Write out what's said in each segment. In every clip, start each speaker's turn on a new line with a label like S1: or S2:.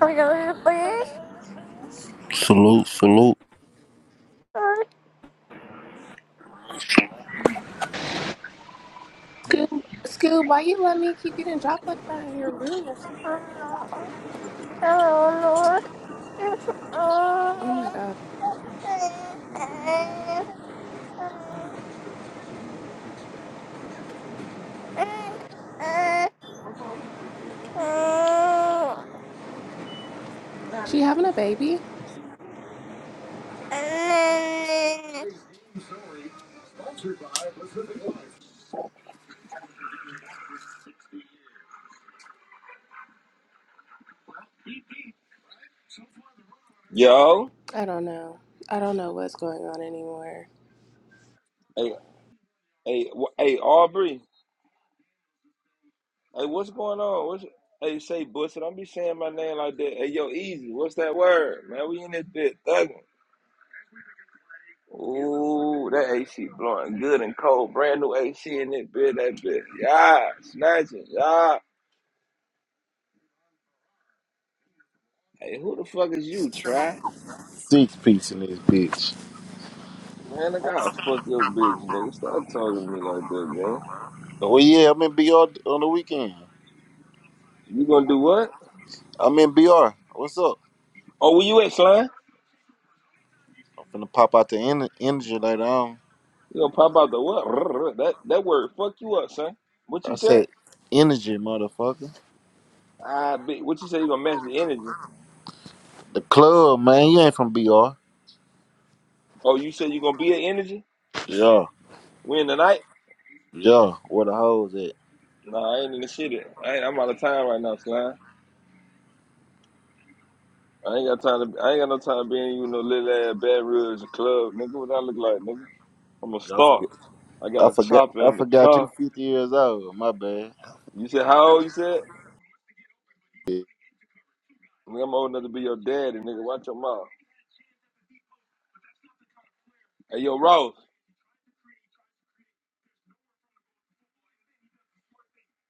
S1: Are you gonna please?
S2: Salute, salute.
S1: Uh,
S3: Scoob, Scoob, why you let me keep getting dropped like that in your room yesterday?
S1: uh, Hello, Lord. Yes,
S3: Oh my
S1: uh,
S3: god.
S1: uh, uh, uh, uh,
S3: She having a baby?
S1: uh, uh,
S4: Yo,
S3: I don't know. I don't know what's going on anymore.
S4: hey, hey, wh- hey, Aubrey, hey, what's going on? What's hey, say Bussy? Don't be saying my name like that. Hey, yo, easy. What's that word, man? We in this bit thugging. Ooh, that AC blowing good and cold. Brand new AC in this bit. That bit, yeah, snatching, yeah. Hey, who the fuck is you, try?
S5: Six piece in this bitch.
S4: Man, I gotta fuck your bitch, nigga. Stop talking to me like that, man.
S5: Oh yeah, I'm in BR on the weekend.
S4: You gonna do what?
S5: I'm in BR. What's up?
S4: Oh, where you at, son?
S5: I'm finna pop out the en- energy later on.
S4: You gonna pop out the what? That that word fuck you up, son. What
S5: I
S4: you said?
S5: said energy, motherfucker.
S4: I be, what you say you gonna match the energy?
S5: The club, man. You ain't from BR.
S4: Oh, you said you gonna be an energy?
S5: Yeah,
S4: We in the night?
S5: yeah. Where the hoes at?
S4: Nah, I ain't in the shit. yet. I ain't, I'm out of time right now, slime. I ain't got time to. I ain't got no time being you no little ass bad ribs and club, nigga. What I look like, nigga? I'm a
S5: I
S4: star.
S5: forget.
S4: I got
S5: I
S4: a
S5: forgot.
S4: chopper
S5: I
S4: in the
S5: forgot you
S4: car.
S5: 50 years old. My bad.
S4: You said how old? You said Nigga, I'm old enough to be your daddy, nigga. Watch your mouth. Hey, yo, Ross.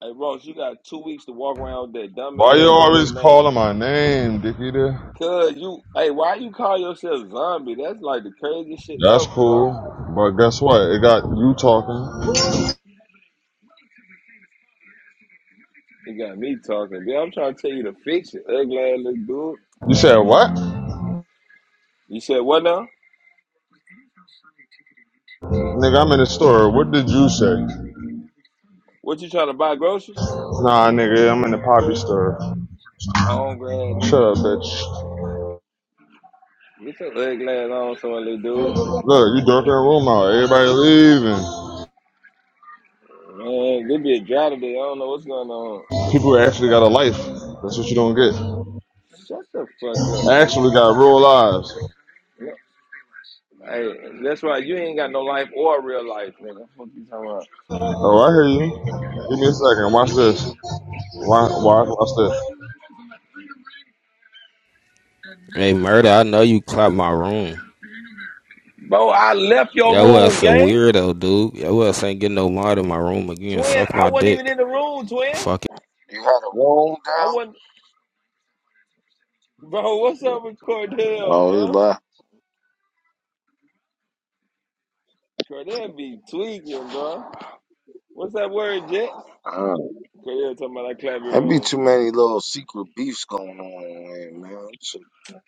S4: Hey, Ross, you got two weeks to walk around with that
S6: Why you
S4: dumbass
S6: always
S4: damn name.
S6: calling my name, Dickie?
S4: Cause you, hey, why you call yourself zombie? That's like the craziest shit
S6: That's
S4: ever, bro.
S6: cool. But guess what? It got you talking.
S4: You got me talking. Girl, I'm trying to tell you to fix it. Ugly ass little dude.
S6: You said what?
S4: You said what now?
S6: Nigga, I'm in the store. What did you say?
S4: What you trying to buy groceries?
S6: Nah, nigga, I'm in the poppy store.
S4: Hungry ass
S6: Shut
S4: nigga.
S6: up, bitch.
S4: Get your ugly ass on somewhere, little dude.
S6: Look, you darking the room out. Everybody leaving.
S4: Man, this be a dry today. I don't know what's going on.
S6: People actually got a life. That's what you don't get.
S4: Shut the fuck up,
S6: They
S4: bitch.
S6: Actually got real lives.
S4: Yeah. Hey, that's right. You ain't got no life or real life, nigga. What you talking about?
S6: Oh, I hear you. Give me a second. Watch this. Watch, watch, watch this.
S7: Hey, murder, I know you clapped my room.
S4: Bro, I left your
S7: Yo
S4: room,
S7: ass a
S4: gang.
S7: weirdo, dude. Yo ass ain't getting no mod in my room again.
S4: Twin,
S7: Suck
S4: I
S7: my
S4: wasn't even in
S7: dick.
S4: the room, twin.
S7: Fuck.
S8: You had a room
S4: I
S8: down?
S4: wasn't. Bro, what's up with Cordell,
S8: Oh, he
S4: bro?
S8: left.
S4: Cordell be tweaking, bro. What's that word, Jet?
S8: Alright.
S4: Cordell talking about that clap your
S8: There be
S4: room.
S8: too many little secret beefs going on in here, man. That shit,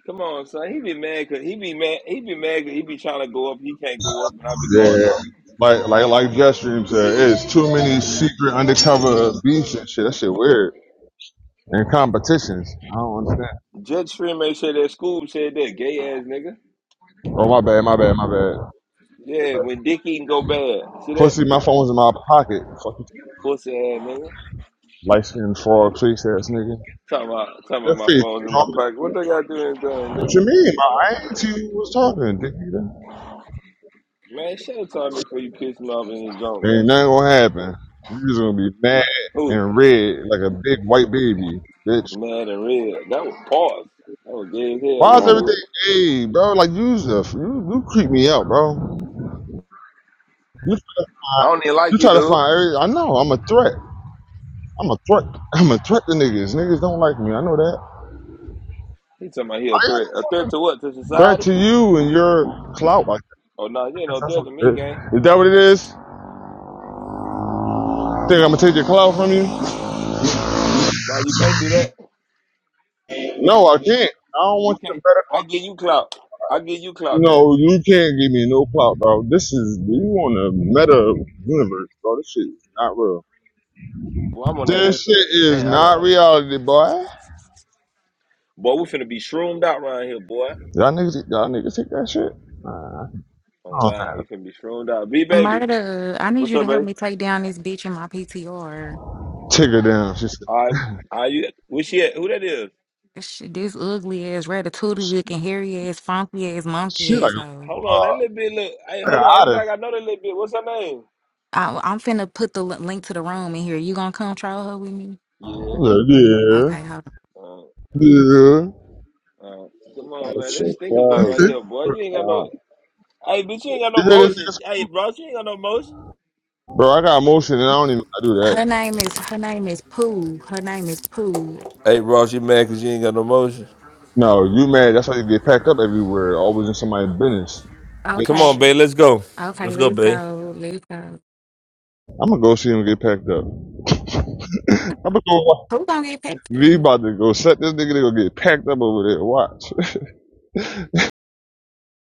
S4: Come on, son. He be mad, cause he be mad. He be mad 'cause he be trying to go up. He can't go up, and I be going
S6: Yeah.
S4: up.
S6: Like like like Gus Dream said, it's too many secret undercover beefs and shit. That shit weird. And competitions. I don't understand.
S4: Jet Streamer said that Scoob said that gay ass nigga.
S6: Oh my bad, my bad, my bad.
S4: Yeah, when Dickie can go bad. See that
S6: Pussy, my phone's in my pocket. Fucking
S4: pussy ass nigga.
S6: light skinned frog face ass nigga.
S4: Talking about talking about
S6: That
S4: my
S6: face
S4: phone's in my
S6: drunk.
S4: pocket. What they got doing, done,
S6: What
S4: nigga?
S6: you mean? My I ain't to you was talking, dick
S4: Man, shut up, time before you piss me off in the junk, man.
S6: Ain't nothing gonna happen. You just gonna be mad
S4: Who?
S6: and red like a big white baby, bitch.
S4: Mad and red. That was pause. That was gay as hell,
S6: Why
S4: little
S6: is
S8: mm,
S6: everything
S4: dude.
S6: hey bro? Like you, just- you you creep me out, bro. You I,
S4: I don't even like
S6: You
S4: you,
S6: try to
S4: dude.
S6: find every. I know. I'm a threat. I'm a threat. I'm a threat to niggas. Niggas don't like me. I know that.
S4: He talking about he a
S6: I am
S4: threat. A threat to what? To
S6: a threat
S4: society?
S6: to you and your clout. I guess
S4: Oh no, you ain't no
S6: that's
S4: threat
S6: what
S4: to me,
S6: it is.
S4: gang.
S6: Is that what it is? Think I'm gonna take your clout from you?
S4: No, you can't do that.
S6: No, I can't. I don't
S4: You
S6: want you
S4: can't.
S6: to better.
S4: I give you clout. I give you clout, gang.
S6: No, you can't give me no clout, bro. This is you on a meta universe, bro. This shit is not real.
S4: Boy, I'm on that.
S6: This shit is
S4: Man, I got
S6: not
S4: to
S6: reality, boy.
S4: Boy, we finna be shroomed out around here, boy.
S6: Y'all niggas, y'all niggas take that shit. Nah, I
S4: Oh
S6: don't
S4: God, we finna be shroomed out. B baby,
S9: Murder, I need
S4: what's
S9: you to
S4: up,
S9: help
S4: baby?
S9: me take down this bitch in my PTR.
S6: think. Take her down. She said,
S4: All right, are you? Where she at? Who that is?
S9: This, shit, this ugly ass, ratatouille looking, hairy ass, funky ass,
S6: she
S9: monkey
S6: like
S9: ass hoe.
S6: a.
S4: Hold on,
S6: uh,
S4: that little bit look. Hey,
S6: Nigga,
S4: hold on. It look
S6: outta.
S4: like I know that little bit. What's her name?
S9: I, I'm finna put the li- link to the room in here. You gonna come troll her with me?
S4: Yeah.
S6: Yeah.
S9: Okay,
S6: Yeah.
S9: hold on.
S4: Uh,
S6: You
S4: uh, come on,
S8: that
S4: man. This
S8: shit
S4: stinker butt right
S8: crazy.
S4: here, boy. You
S6: hear
S4: ain't got
S8: Mm.
S4: no. Hey, bitch, you ain't got no
S6: this nigga?
S4: motion. Hey, bro, you ain't got no motion.
S6: Bro, I got motion and I don't even know how to
S9: Her
S6: do that.
S9: name is her name is Pooh. Her name is Pooh.
S4: Hey, Ross, you mad because you ain't got no motion?
S6: No, you mad. That's why you get packed up everywhere, always in somebody's business.
S4: Come
S6: Bitch,
S4: on,
S9: Okay,
S4: babe. Let's go.
S9: okay,
S4: Let's go,
S9: let's
S4: babe.
S9: go, let's go.
S6: I'm gonna go see him get packed up. I'm gonna go.
S9: Who gonna get
S6: We
S9: picked?
S6: about to go set this nigga to go get packed up over there. Watch.